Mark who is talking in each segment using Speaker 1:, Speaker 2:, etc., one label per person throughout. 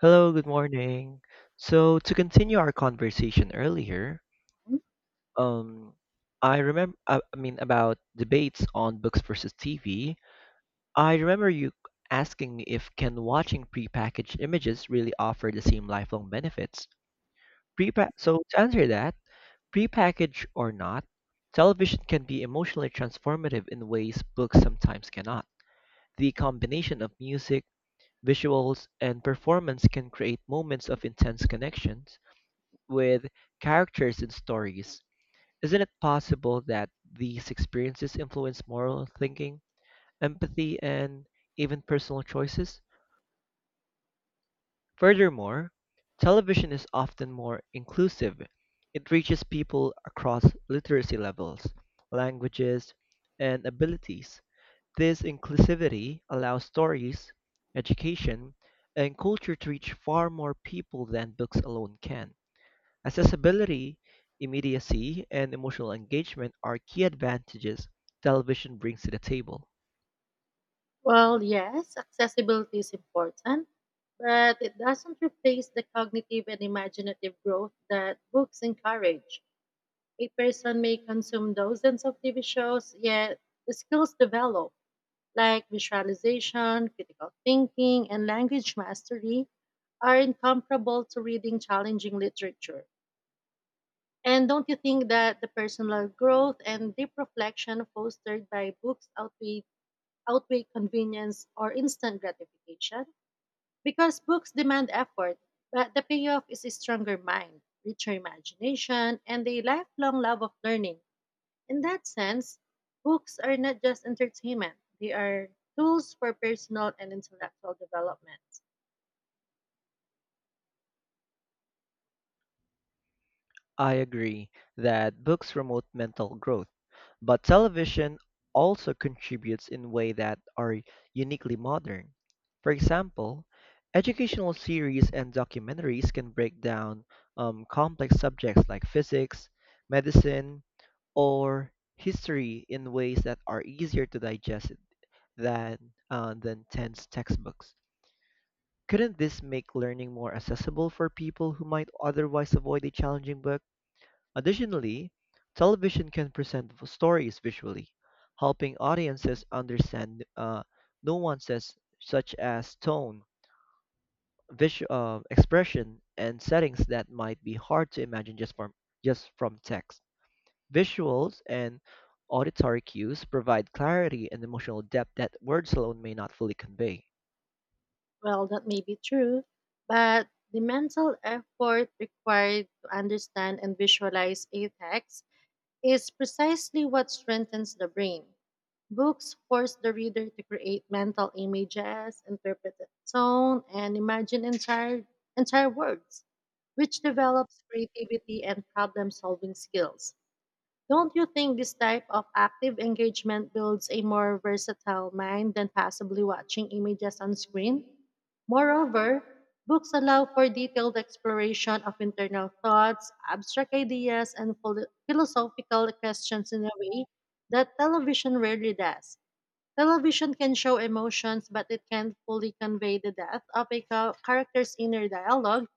Speaker 1: Hello, good morning. So to continue our conversation earlier, um, I remember, I mean, about debates on books versus TV. I remember you asking me if can watching prepackaged images really offer the same lifelong benefits. Prepa So to answer that, prepackaged or not, television can be emotionally transformative in ways books sometimes cannot. The combination of music, visuals, and performance can create moments of intense connections with characters and stories. Isn't it possible that these experiences influence moral thinking, empathy, and even personal choices? Furthermore, television is often more inclusive. It reaches people across literacy levels, languages, and abilities. This inclusivity allows stories, education, and culture to reach far more people than books alone can. Accessibility, immediacy, and emotional engagement are key advantages television brings to the table.
Speaker 2: Well, yes, accessibility is important, but it doesn't replace the cognitive and imaginative growth that books encourage. A person may consume dozens of TV shows, yet the skills developed, like visualization, critical thinking, and language mastery, are incomparable to reading challenging literature. And don't you think that the personal growth and deep reflection fostered by books outweigh convenience or instant gratification because books demand effort, but the payoff is a stronger mind, richer imagination, and a lifelong love of learning. In that sense, books are not just entertainment, they are tools for personal and intellectual development.
Speaker 1: I agree that books promote mental growth, but television also contributes in ways that are uniquely modern. For example, educational series and documentaries can break down complex subjects like physics, medicine, or history in ways that are easier to digest than than tense textbooks. Couldn't this make learning more accessible for people who might otherwise avoid a challenging book? Additionally, television can present stories visually, helping audiences understand nuances such as tone, expression, and settings that might be hard to imagine just from text. Visuals and auditory cues provide clarity and emotional depth that words alone may not fully convey.
Speaker 2: Well, that may be true, but the mental effort required to understand and visualize a text is precisely what strengthens the brain. Books force the reader to create mental images, interpret the tone, and imagine entire words, which develops creativity and problem solving skills. Don't you think this type of active engagement builds a more versatile mind than passively watching images on screen? Moreover, books allow for detailed exploration of internal thoughts, abstract ideas, and philosophical questions in a way that television rarely does. Television can show emotions, but it can't fully convey the depth of a character's inner dialogue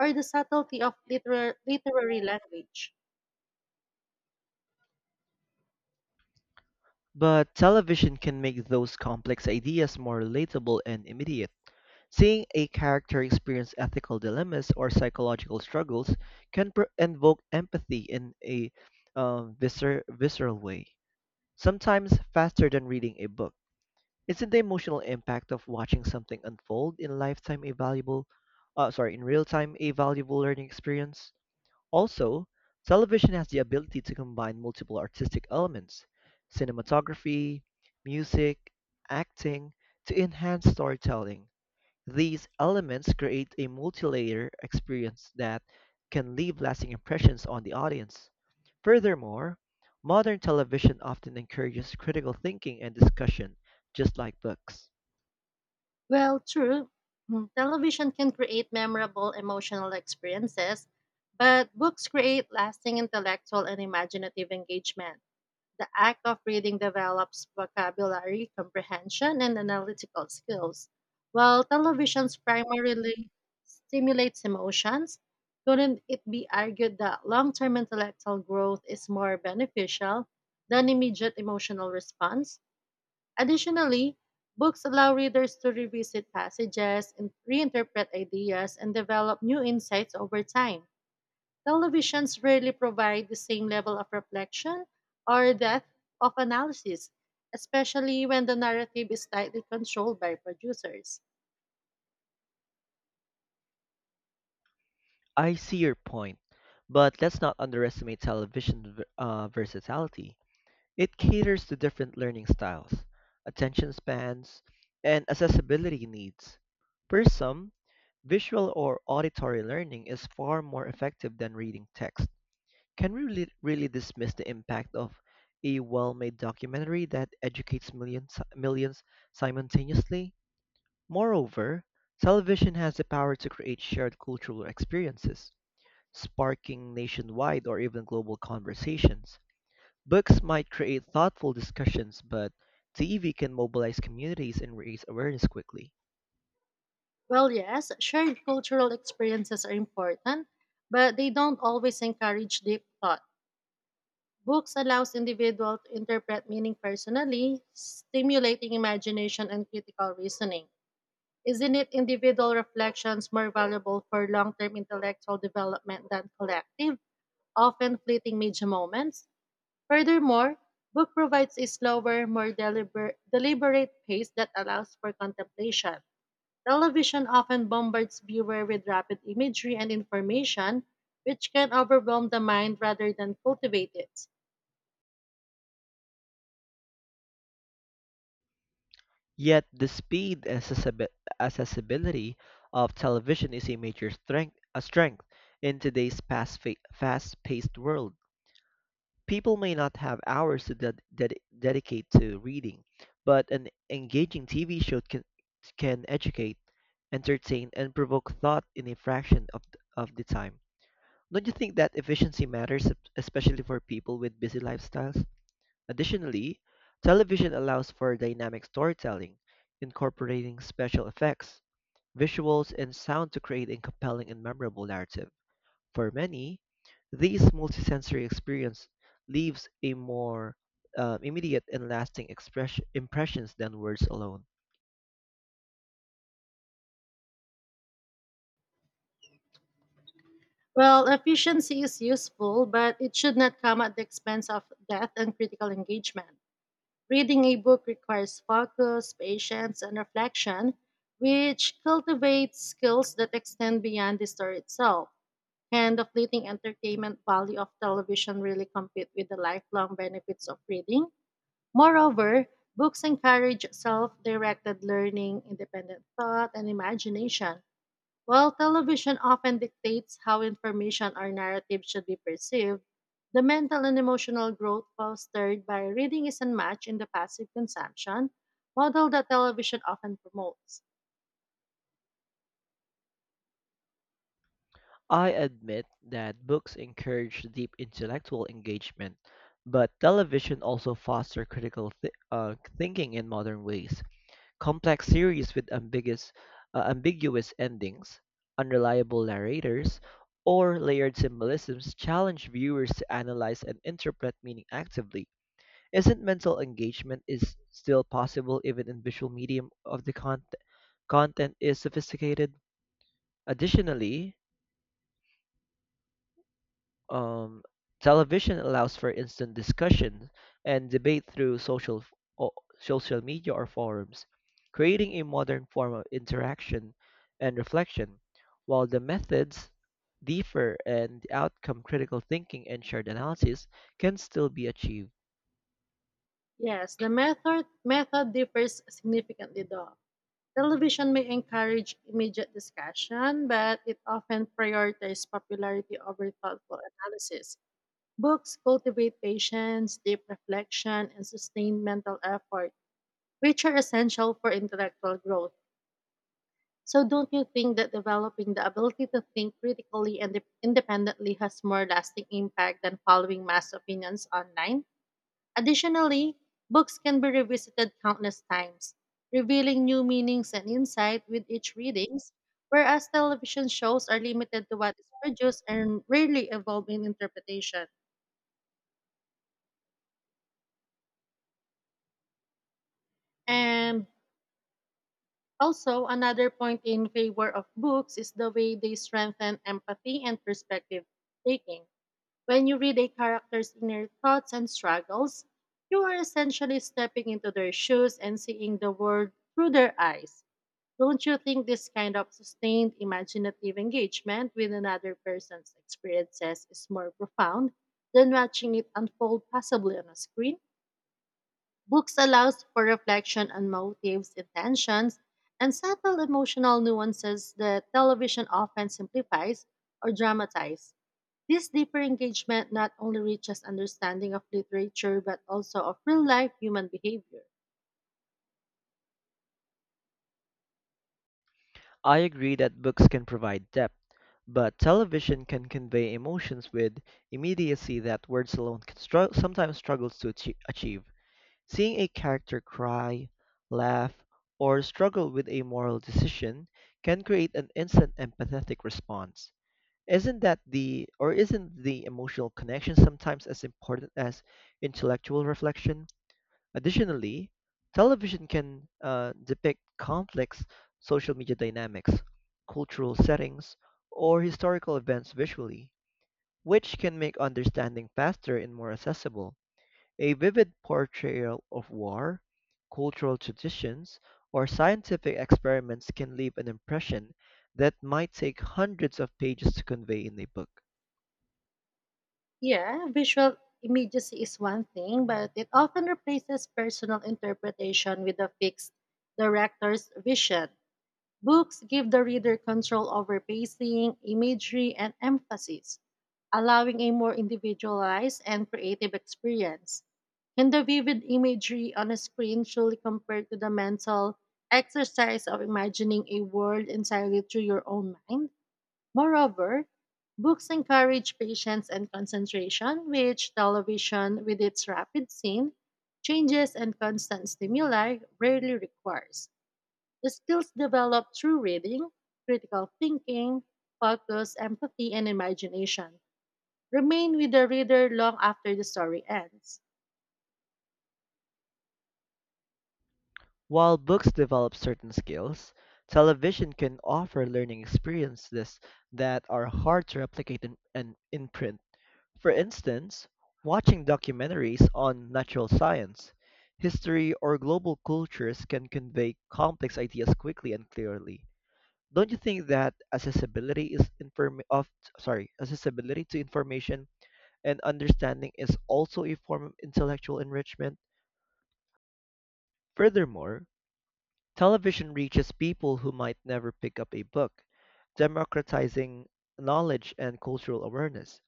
Speaker 2: or the subtlety of literary language.
Speaker 1: But television can make those complex ideas more relatable and immediate. Seeing a character experience ethical dilemmas or psychological struggles can invoke empathy in a visceral way, sometimes faster than reading a book. Isn't the emotional impact of watching something unfold in lifetime a valuable, sorry, in real time a valuable learning experience? Also, television has the ability to combine multiple artistic elements: cinematography, music, acting, to enhance storytelling. These elements create a multi-layer experience that can leave lasting impressions on the audience. Furthermore, modern television often encourages critical thinking and discussion, just like books.
Speaker 2: Well, true. Television can create memorable emotional experiences, but books create lasting intellectual and imaginative engagement. The act of reading develops vocabulary, comprehension, and analytical skills. While television's primarily stimulates emotions, couldn't it be argued that long term intellectual growth is more beneficial than immediate emotional response? Additionally, books allow readers to revisit passages, and reinterpret ideas, and develop new insights over time. Televisions rarely provide the same level of reflection or depth of analysis, especially when the narrative is tightly controlled by producers.
Speaker 1: I see your point, but let's not underestimate television's versatility. It caters to different learning styles, attention spans, and accessibility needs. For some, visual or auditory learning is far more effective than reading text. Can we really dismiss the impact of a well-made documentary that educates millions simultaneously? Moreover, television has the power to create shared cultural experiences, sparking nationwide or even global conversations. Books might create thoughtful discussions, but TV can mobilize communities and raise awareness quickly.
Speaker 2: Well, yes, shared cultural experiences are important, but they don't always encourage deep thought. Books allows individual to interpret meaning personally, stimulating imagination and critical reasoning. Isn't it individual reflections more valuable for long-term intellectual development than collective, often fleeting media moments? Furthermore, book provides a slower, more deliberate pace that allows for contemplation. Television often bombards viewer with rapid imagery and information, which can overwhelm the mind rather than cultivate it.
Speaker 1: Yet the speed and accessibility of television is a major strength, a strength in today's fast-paced world. People may not have hours to dedicate to reading, but an engaging TV show can educate, entertain, and provoke thought in a fraction of the time. Don't you think that efficiency matters, especially for people with busy lifestyles? Additionally, television allows for dynamic storytelling, incorporating special effects, visuals, and sound to create a compelling and memorable narrative. For many, this multisensory experience leaves a more immediate and lasting impressions than words alone.
Speaker 2: Well, efficiency is useful, but it should not come at the expense of depth and critical engagement. Reading a book requires focus, patience, and reflection, which cultivates skills that extend beyond the story itself. Can the fleeting entertainment value of television really compete with the lifelong benefits of reading? Moreover, books encourage self directed learning, independent thought, and imagination while television often dictates how information or narrative should be perceived, the mental and emotional growth fostered by reading is unmatched in the passive consumption model that television often promotes.
Speaker 1: I admit that books encourage deep intellectual engagement, but television also fosters critical thinking in modern ways. Complex series with ambiguous endings, unreliable narrators, or layered symbolisms challenge viewers to analyze and interpret meaning actively. Isn't mental engagement is still possible even in visual medium of the content is sophisticated? Additionally, Um, television allows for instant discussion and debate through o- social media or forums, creating a modern form of interaction and reflection. While the methods differ and the outcome critical thinking and shared analysis can still be achieved.
Speaker 2: Yes, the method differs significantly though. Television may encourage immediate discussion, but it often prioritizes popularity over thoughtful analysis. Books cultivate patience, deep reflection, and sustained mental effort which are essential for intellectual growth. So, don't you think that developing the ability to think critically and independently has more lasting impact than following mass opinions online? Additionally, books can be revisited countless times, revealing new meanings and insight with each readings, whereas television shows are limited to what is produced and rarely evolve in interpretation. And Also, another point in favor of books is the way they strengthen empathy and perspective taking. When you read a character's inner thoughts and struggles, you are essentially stepping into their shoes and seeing the world through their eyes. Don't you think this kind of sustained imaginative engagement with another person's experiences is more profound than watching it unfold passively on a screen? Books allows for reflection on motives, intentions, and subtle emotional nuances that television often simplifies or dramatizes. This deeper engagement not only reaches understanding of literature but also of real life human behavior.
Speaker 1: I agree that books can provide depth, but television can convey emotions with immediacy that words alone sometimes achieve. Seeing a character cry, laugh, or struggle with a moral decision can create an instant empathetic response. Isn't the emotional connection sometimes as important as intellectual reflection? Additionally, television can depict complex social media dynamics, cultural settings, or historical events visually, which can make understanding faster and more accessible. A vivid portrayal of war, cultural traditions, or scientific experiments can leave an impression that might take hundreds of pages to convey in a book.
Speaker 2: Yeah, visual immediacy is one thing, but it often replaces personal interpretation with a fixed director's vision. Books give the reader control over pacing, imagery, and emphasis, allowing a more individualized and creative experience. And the vivid imagery on a screen truly compared to the mental exercise of imagining a world entirely through your own mind. Moreover, books encourage patience and concentration, which television, with its rapid scene, changes, and constant stimuli, rarely requires. The skills developed through reading, critical thinking, focus, empathy, and imagination remain with the reader long after the story ends.
Speaker 1: While books develop certain skills, television can offer learning experiences that are hard to replicate in print. For instance, watching documentaries on natural science, history, or global cultures can convey complex ideas quickly and clearly. Don't you think that accessibility is inform of sorry, accessibility to information and understanding is also a form of intellectual enrichment? Furthermore, television reaches people who might never pick up a book, democratizing knowledge and cultural awareness.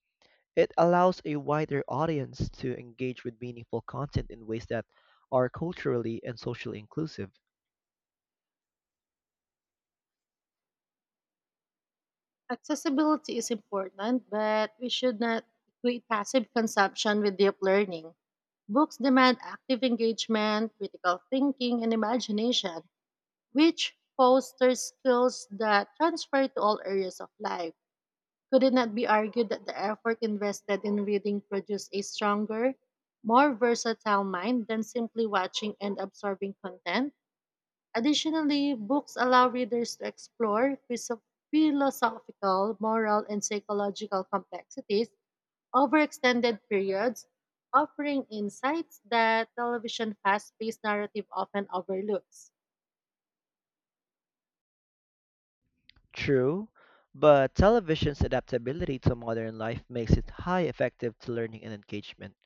Speaker 1: It allows a wider audience to engage with meaningful content in ways that are culturally and socially inclusive.
Speaker 2: Accessibility is important, but we should not equate passive consumption with deep learning. Books demand active engagement, critical thinking, and imagination, which fosters skills that transfer to all areas of life. Could it not be argued that the effort invested in reading produced a stronger, more versatile mind than simply watching and absorbing content? Additionally, books allow readers to explore philosophical, moral, and psychological complexities over extended periods, offering insights that television fast paced narrative often overlooks.
Speaker 1: True, but television's adaptability to modern life makes it high effective to learning and engagement.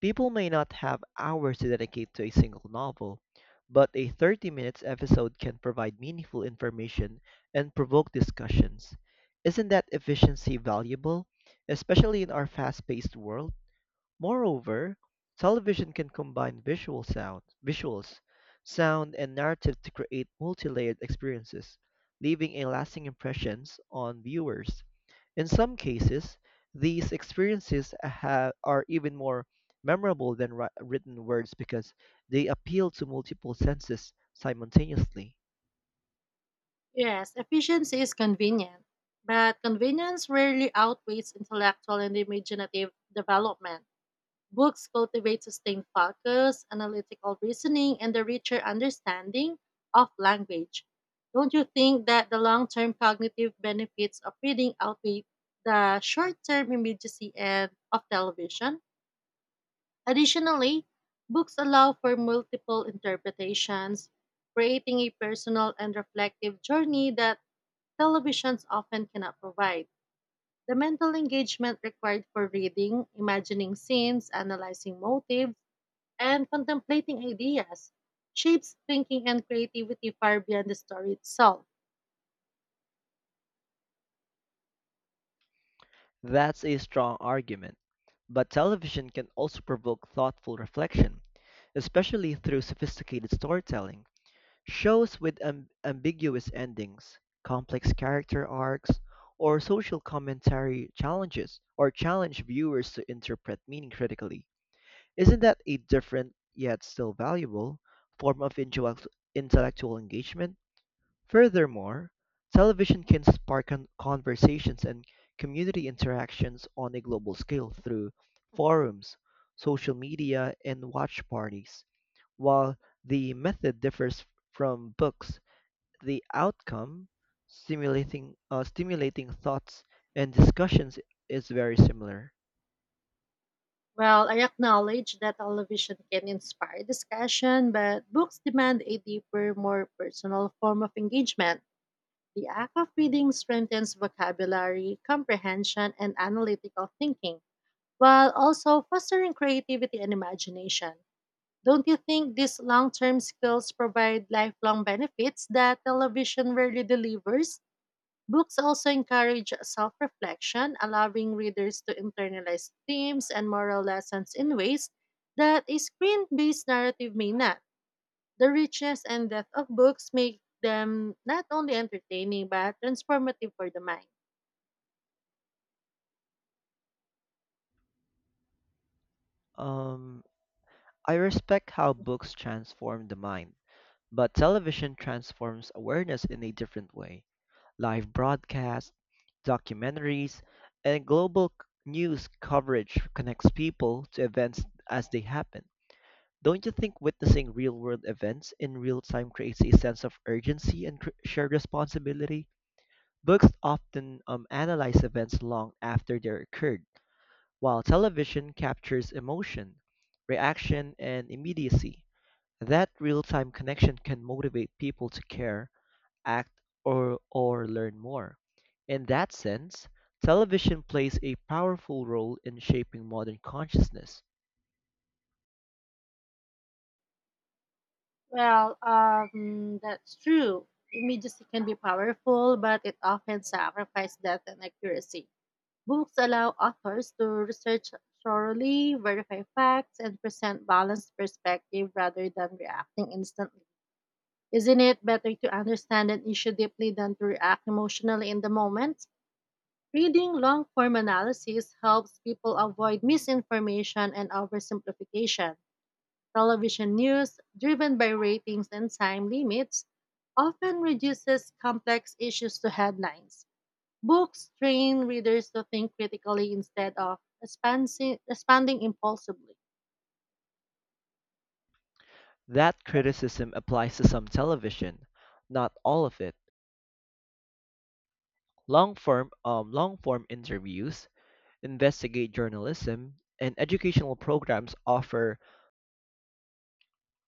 Speaker 1: People may not have hours to dedicate to a single novel, but a 30-minute minutes episode can provide meaningful information and provoke discussions. Isn't that efficiency valuable, especially in our fast-paced world? Moreover, television can combine visuals, sound, and narrative to create multi-layered experiences, leaving a lasting impressions on viewers. In some cases, these experiences are even more memorable than written words because they appeal to multiple senses simultaneously.
Speaker 2: Yes, efficiency is convenient, but convenience rarely outweighs intellectual and imaginative development. Books cultivate sustained focus, analytical reasoning, and a richer understanding of language. Don't you think that the long term cognitive benefits of reading outweigh the short term immediacy and of television? Additionally, books allow for multiple interpretations, creating a personal and reflective journey that televisions often cannot provide. The mental engagement required for reading, imagining scenes, analyzing motives, and contemplating ideas shapes thinking and creativity far beyond the story itself.
Speaker 1: That's a strong argument. But television can also provoke thoughtful reflection, especially through sophisticated storytelling. Shows with ambiguous endings, complex character arcs, or social commentary challenge viewers to interpret meaning critically. Isn't that a different yet still valuable form of intellectual engagement? Furthermore, television can spark conversations and community interactions on a global scale through forums, social media, and watch parties. While the method differs from books, the outcome, stimulating thoughts and discussions, is very similar.
Speaker 2: Well, I acknowledge that television can inspire discussion, but books demand a deeper, more personal form of engagement. The act of reading strengthens vocabulary, comprehension, and analytical thinking, while also fostering creativity and imagination. Don't you think these long term skills provide lifelong benefits that television rarely delivers? Books also encourage self reflection, allowing readers to internalize themes and moral lessons in ways that a screen based narrative may not. The richness and depth of books make them not only entertaining but transformative for the mind.
Speaker 1: Um, I respect how books transform the mind, but television transforms awareness in a different way. Live broadcasts, documentaries, and news coverage connects people to events as they happen. Don't you think witnessing real world events in real time creates a sense of urgency and shared responsibility? Books often analyze events long after they occurred, while television captures emotion, reaction, and immediacy. That real-time connection can motivate people to care, act, or learn more. In that sense, television plays a powerful role in shaping modern consciousness.
Speaker 2: Well, that's true. Immediacy can be powerful, but it often sacrifices depth and accuracy. Books allow authors to research thoroughly, verify facts, and present balanced perspective rather than reacting instantly. Isn't it better to understand an issue deeply than to react emotionally in the moment? Reading long form analysis helps people avoid misinformation and oversimplification. Television news, driven by ratings and time limits, often reduces complex issues to headlines. Books train readers to think critically instead of expanding impulsively.
Speaker 1: That criticism applies to some television, not all of it. Long form interviews, investigate journalism and educational programs offer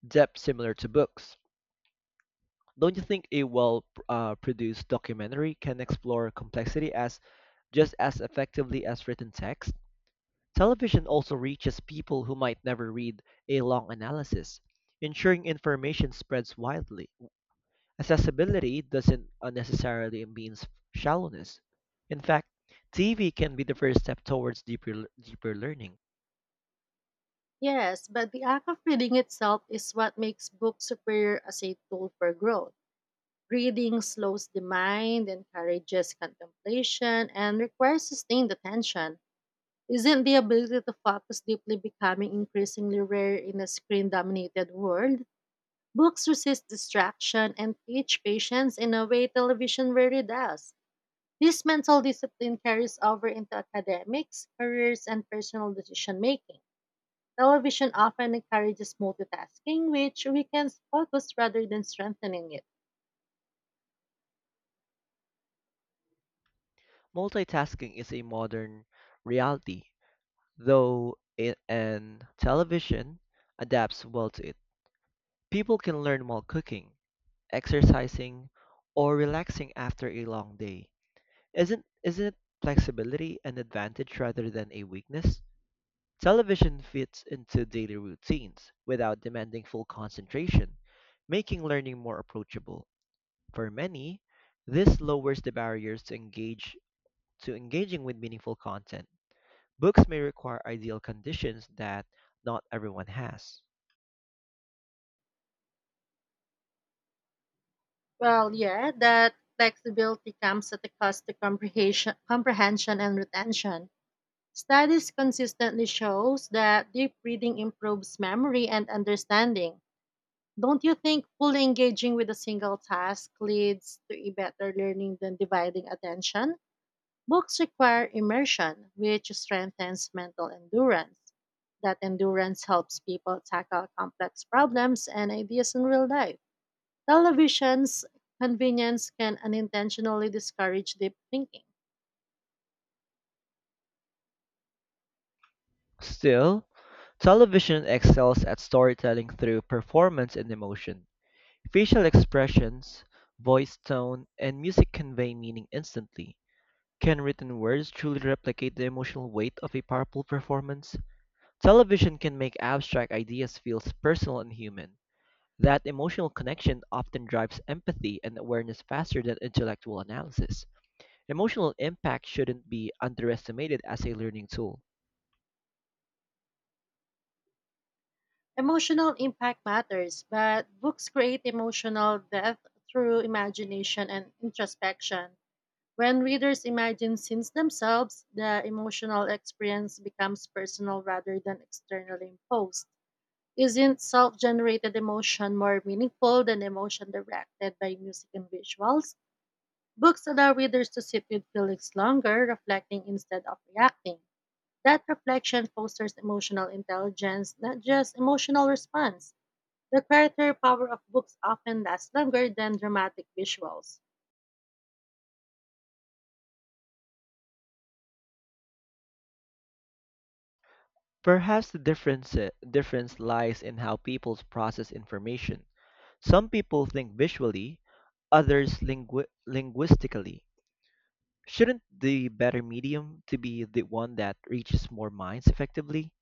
Speaker 1: depth similar to books. Don't you think a well- produced documentary can explore complexity as just as effectively as written text? Television also reaches people who might never read a long analysis, ensuring information spreads widely. Accessibility doesn't necessarily mean shallowness. In fact, TV can be the first step towards deeper learning.
Speaker 2: Yes, but the act of reading itself is what makes books superior as a tool for growth. Reading slows the mind, encourages contemplation, and requires sustained attention. Isn't the ability to focus deeply becoming increasingly rare in a screen dominated world? Books resist distraction and teach patience in a way television rarely does. This mental discipline carries over into academics, careers, and personal decision making. Television often encourages multitasking, which weakens focus rather than strengthening it.
Speaker 1: Multitasking is a modern reality, though it and television adapts well to it. People can learn while cooking, exercising, or relaxing after a long day. Isn't flexibility an advantage rather than a weakness? Television fits into daily routines without demanding full concentration, making learning more approachable. For many, this lowers the barriers to engaging with meaningful content. Books may require ideal conditions that not everyone has.
Speaker 2: Well, yeah, that flexibility comes at the cost of comprehension and retention. Studies consistently shows that deep reading improves memory and understanding. Don't you think fully engaging with a single task leads to a better learning than dividing attention? Books require immersion, which strengthens mental endurance. That endurance helps people tackle complex problems and ideas in real life. Television's convenience can unintentionally discourage deep thinking.
Speaker 1: Still, television excels at storytelling through performance and emotion. Facial expressions, voice tone, and music convey meaning instantly. Can written words truly replicate the emotional weight of a powerful performance? Television can make abstract ideas feel personal and human. That emotional connection often drives empathy and awareness faster than intellectual analysis. Emotional impact shouldn't be underestimated as a learning tool.
Speaker 2: Emotional impact matters, but books create emotional depth through imagination and introspection. When readers imagine scenes themselves, the emotional experience becomes personal rather than externally imposed. Isn't self generated emotion more meaningful than emotion directed by music and visuals? Books allow readers to sit with feelings longer, reflecting instead of reacting. That reflection fosters emotional intelligence, not just emotional response. The creative power of books often lasts longer than dramatic visuals.
Speaker 1: Perhaps the difference lies in how people process information. Some people think visually, others linguistically. Shouldn't the better medium to be the one that reaches more minds effectively?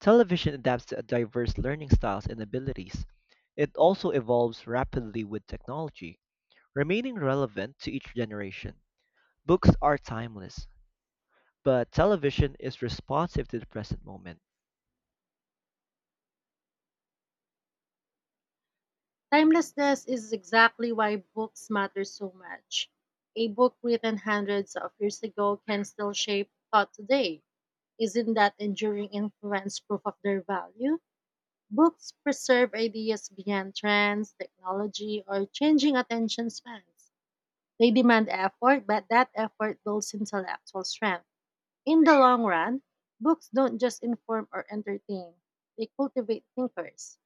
Speaker 1: Television adapts to diverse learning styles and abilities. It also evolves rapidly with technology, remaining relevant to each generation. Books are timeless. But television is responsive to the present moment.
Speaker 2: Timelessness is exactly why books matter so much. A book written hundreds of years ago can still shape thought today. Isn't that enduring influence proof of their value? Books preserve ideas beyond trends, technology, or changing attention spans. They demand effort, but that effort builds intellectual strength. In the long run, books don't just inform or entertain, they cultivate thinkers.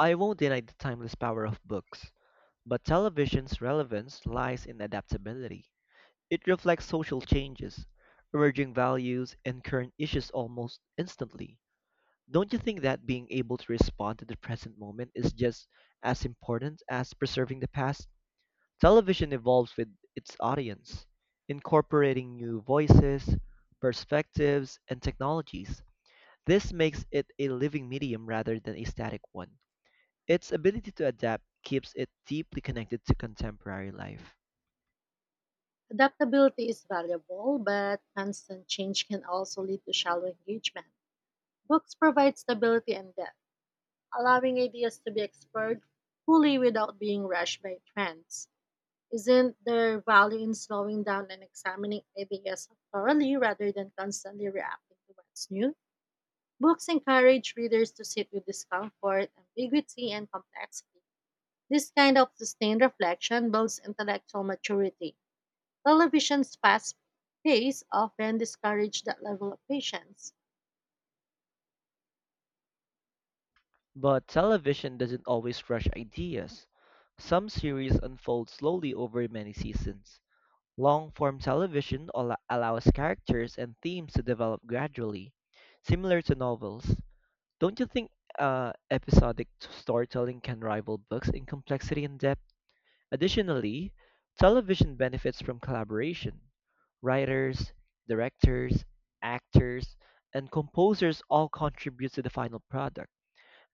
Speaker 1: I won't deny the timeless power of books, but television's relevance lies in adaptability. It reflects social changes, emerging values, and current issues almost instantly. Don't you think that being able to respond to the present moment is just as important as preserving the past? Television evolves with its audience, incorporating new voices, perspectives, and technologies. This makes it a living medium rather than a static one. Its ability to adapt keeps it deeply connected to contemporary life.
Speaker 2: Adaptability is valuable, but constant change can also lead to shallow engagement. Books provide stability and depth allowing ideas to be explored fully without being rushed by trends. Isn't there value in slowing down and examining ideas thoroughly rather than constantly reacting to what's new? Books encourage readers to sit with discomfort, ambiguity, and complexity. This kind of sustained reflection builds intellectual maturity. Television's fast pace often discourages that level of patience.
Speaker 1: But television doesn't always rush ideas. Some series unfold slowly over many seasons. Long form television allows characters and themes to develop gradually, similar to novels. Don't you think episodic storytelling can rival books in complexity and depth? Additionally, television benefits from collaboration. Writers, directors, actors, and composers all contribute to the final product.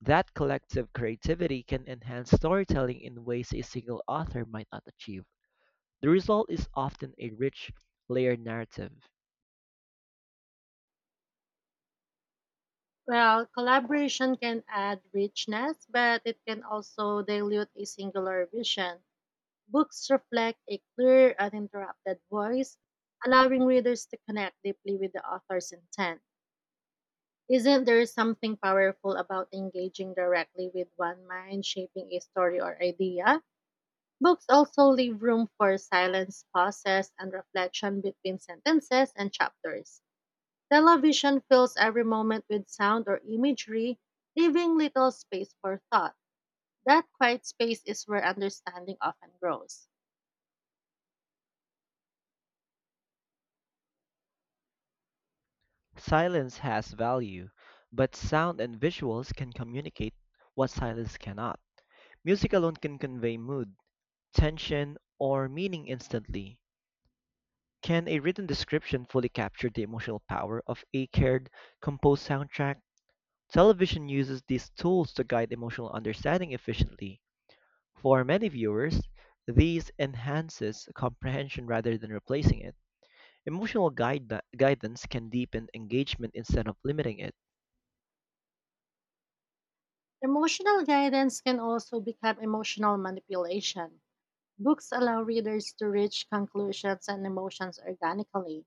Speaker 1: That collective creativity can enhance storytelling in ways a single author might not achieve. The result is often a rich, layered narrative.
Speaker 2: Well, collaboration can add richness, but it can also dilute a singular vision. Books reflect a clear, uninterrupted voice, allowing readers to connect deeply with the author's intent. Isn't there something powerful about engaging directly with one mind shaping a story or idea? Books also leave room for silence, pauses, and reflection between sentences and chapters. Television fills every moment with sound or imagery, leaving little space for thought. That quiet space is where understanding often grows.
Speaker 1: Silence has value, but sound and visuals can communicate what silence cannot. Music alone can convey mood, tension, or meaning instantly. Can a written description fully capture the emotional power of a cared, composed soundtrack? Television uses these tools to guide emotional understanding efficiently. For many viewers, these enhances comprehension rather than replacing it. Emotional guidance can deepen engagement instead of limiting it.
Speaker 2: Emotional guidance can also become emotional manipulation. Books allow readers to reach conclusions and emotions organically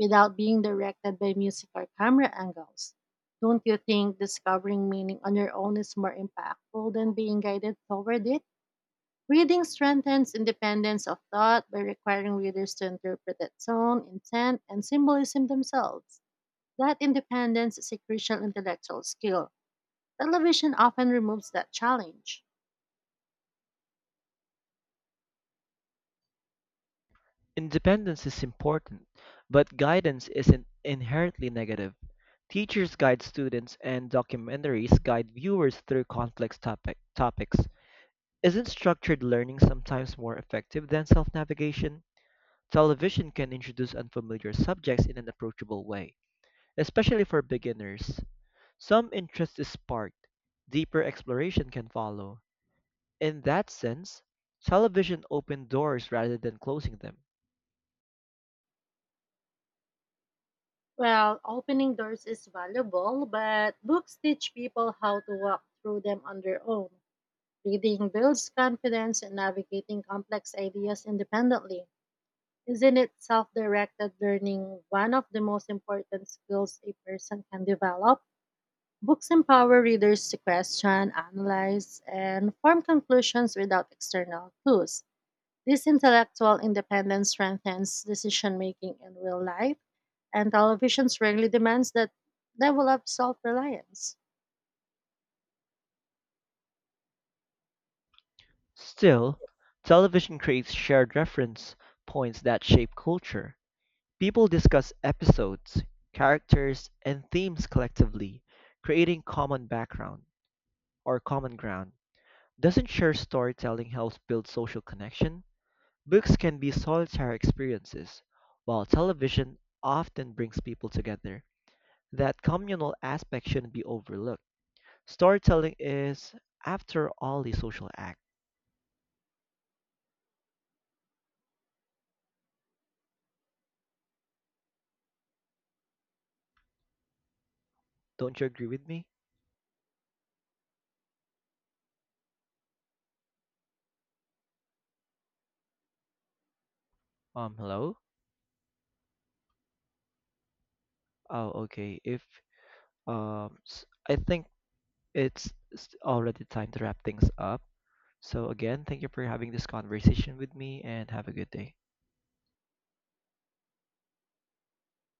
Speaker 2: without being directed by music or camera angles. Don't you think discovering meaning on your own is more impactful than being guided toward it? Reading strengthens independence of thought by requiring readers to interpret its tone, intent, and symbolism themselves. That independence is a crucial intellectual skill. Television often removes that challenge.
Speaker 1: Independence is important, but guidance isn't inherently negative. Teachers guide students and documentaries guide viewers through complex topics. Isn't structured learning sometimes more effective than self-navigation? Television can introduce unfamiliar subjects in an approachable way, especially for beginners. Some interest is sparked, deeper exploration can follow. In that sense, television opened doors rather than closing them.
Speaker 2: Well, opening doors is valuable, but books teach people how to walk through them on their own. Reading builds confidence in navigating complex ideas independently. Isn't it self directed learning one of the most important skills a person can develop? Books empower readers to question, analyze, and form conclusions without external clues. This intellectual independence strengthens decision making in real life, and televisions rarely demands that level of self reliance.
Speaker 1: Still, television creates shared reference points that shape culture. People discuss episodes, characters, and themes collectively, creating common background or common ground. Doesn't shared storytelling help build social connection? Books can be solitary experiences, while television often brings people together. That communal aspect shouldn't be overlooked. Storytelling is, after all, a social act. Don't you agree with me? Hello? Oh, okay. If s- I think it's already time to wrap things up. So, again, thank you for having this conversation with me and have a good day.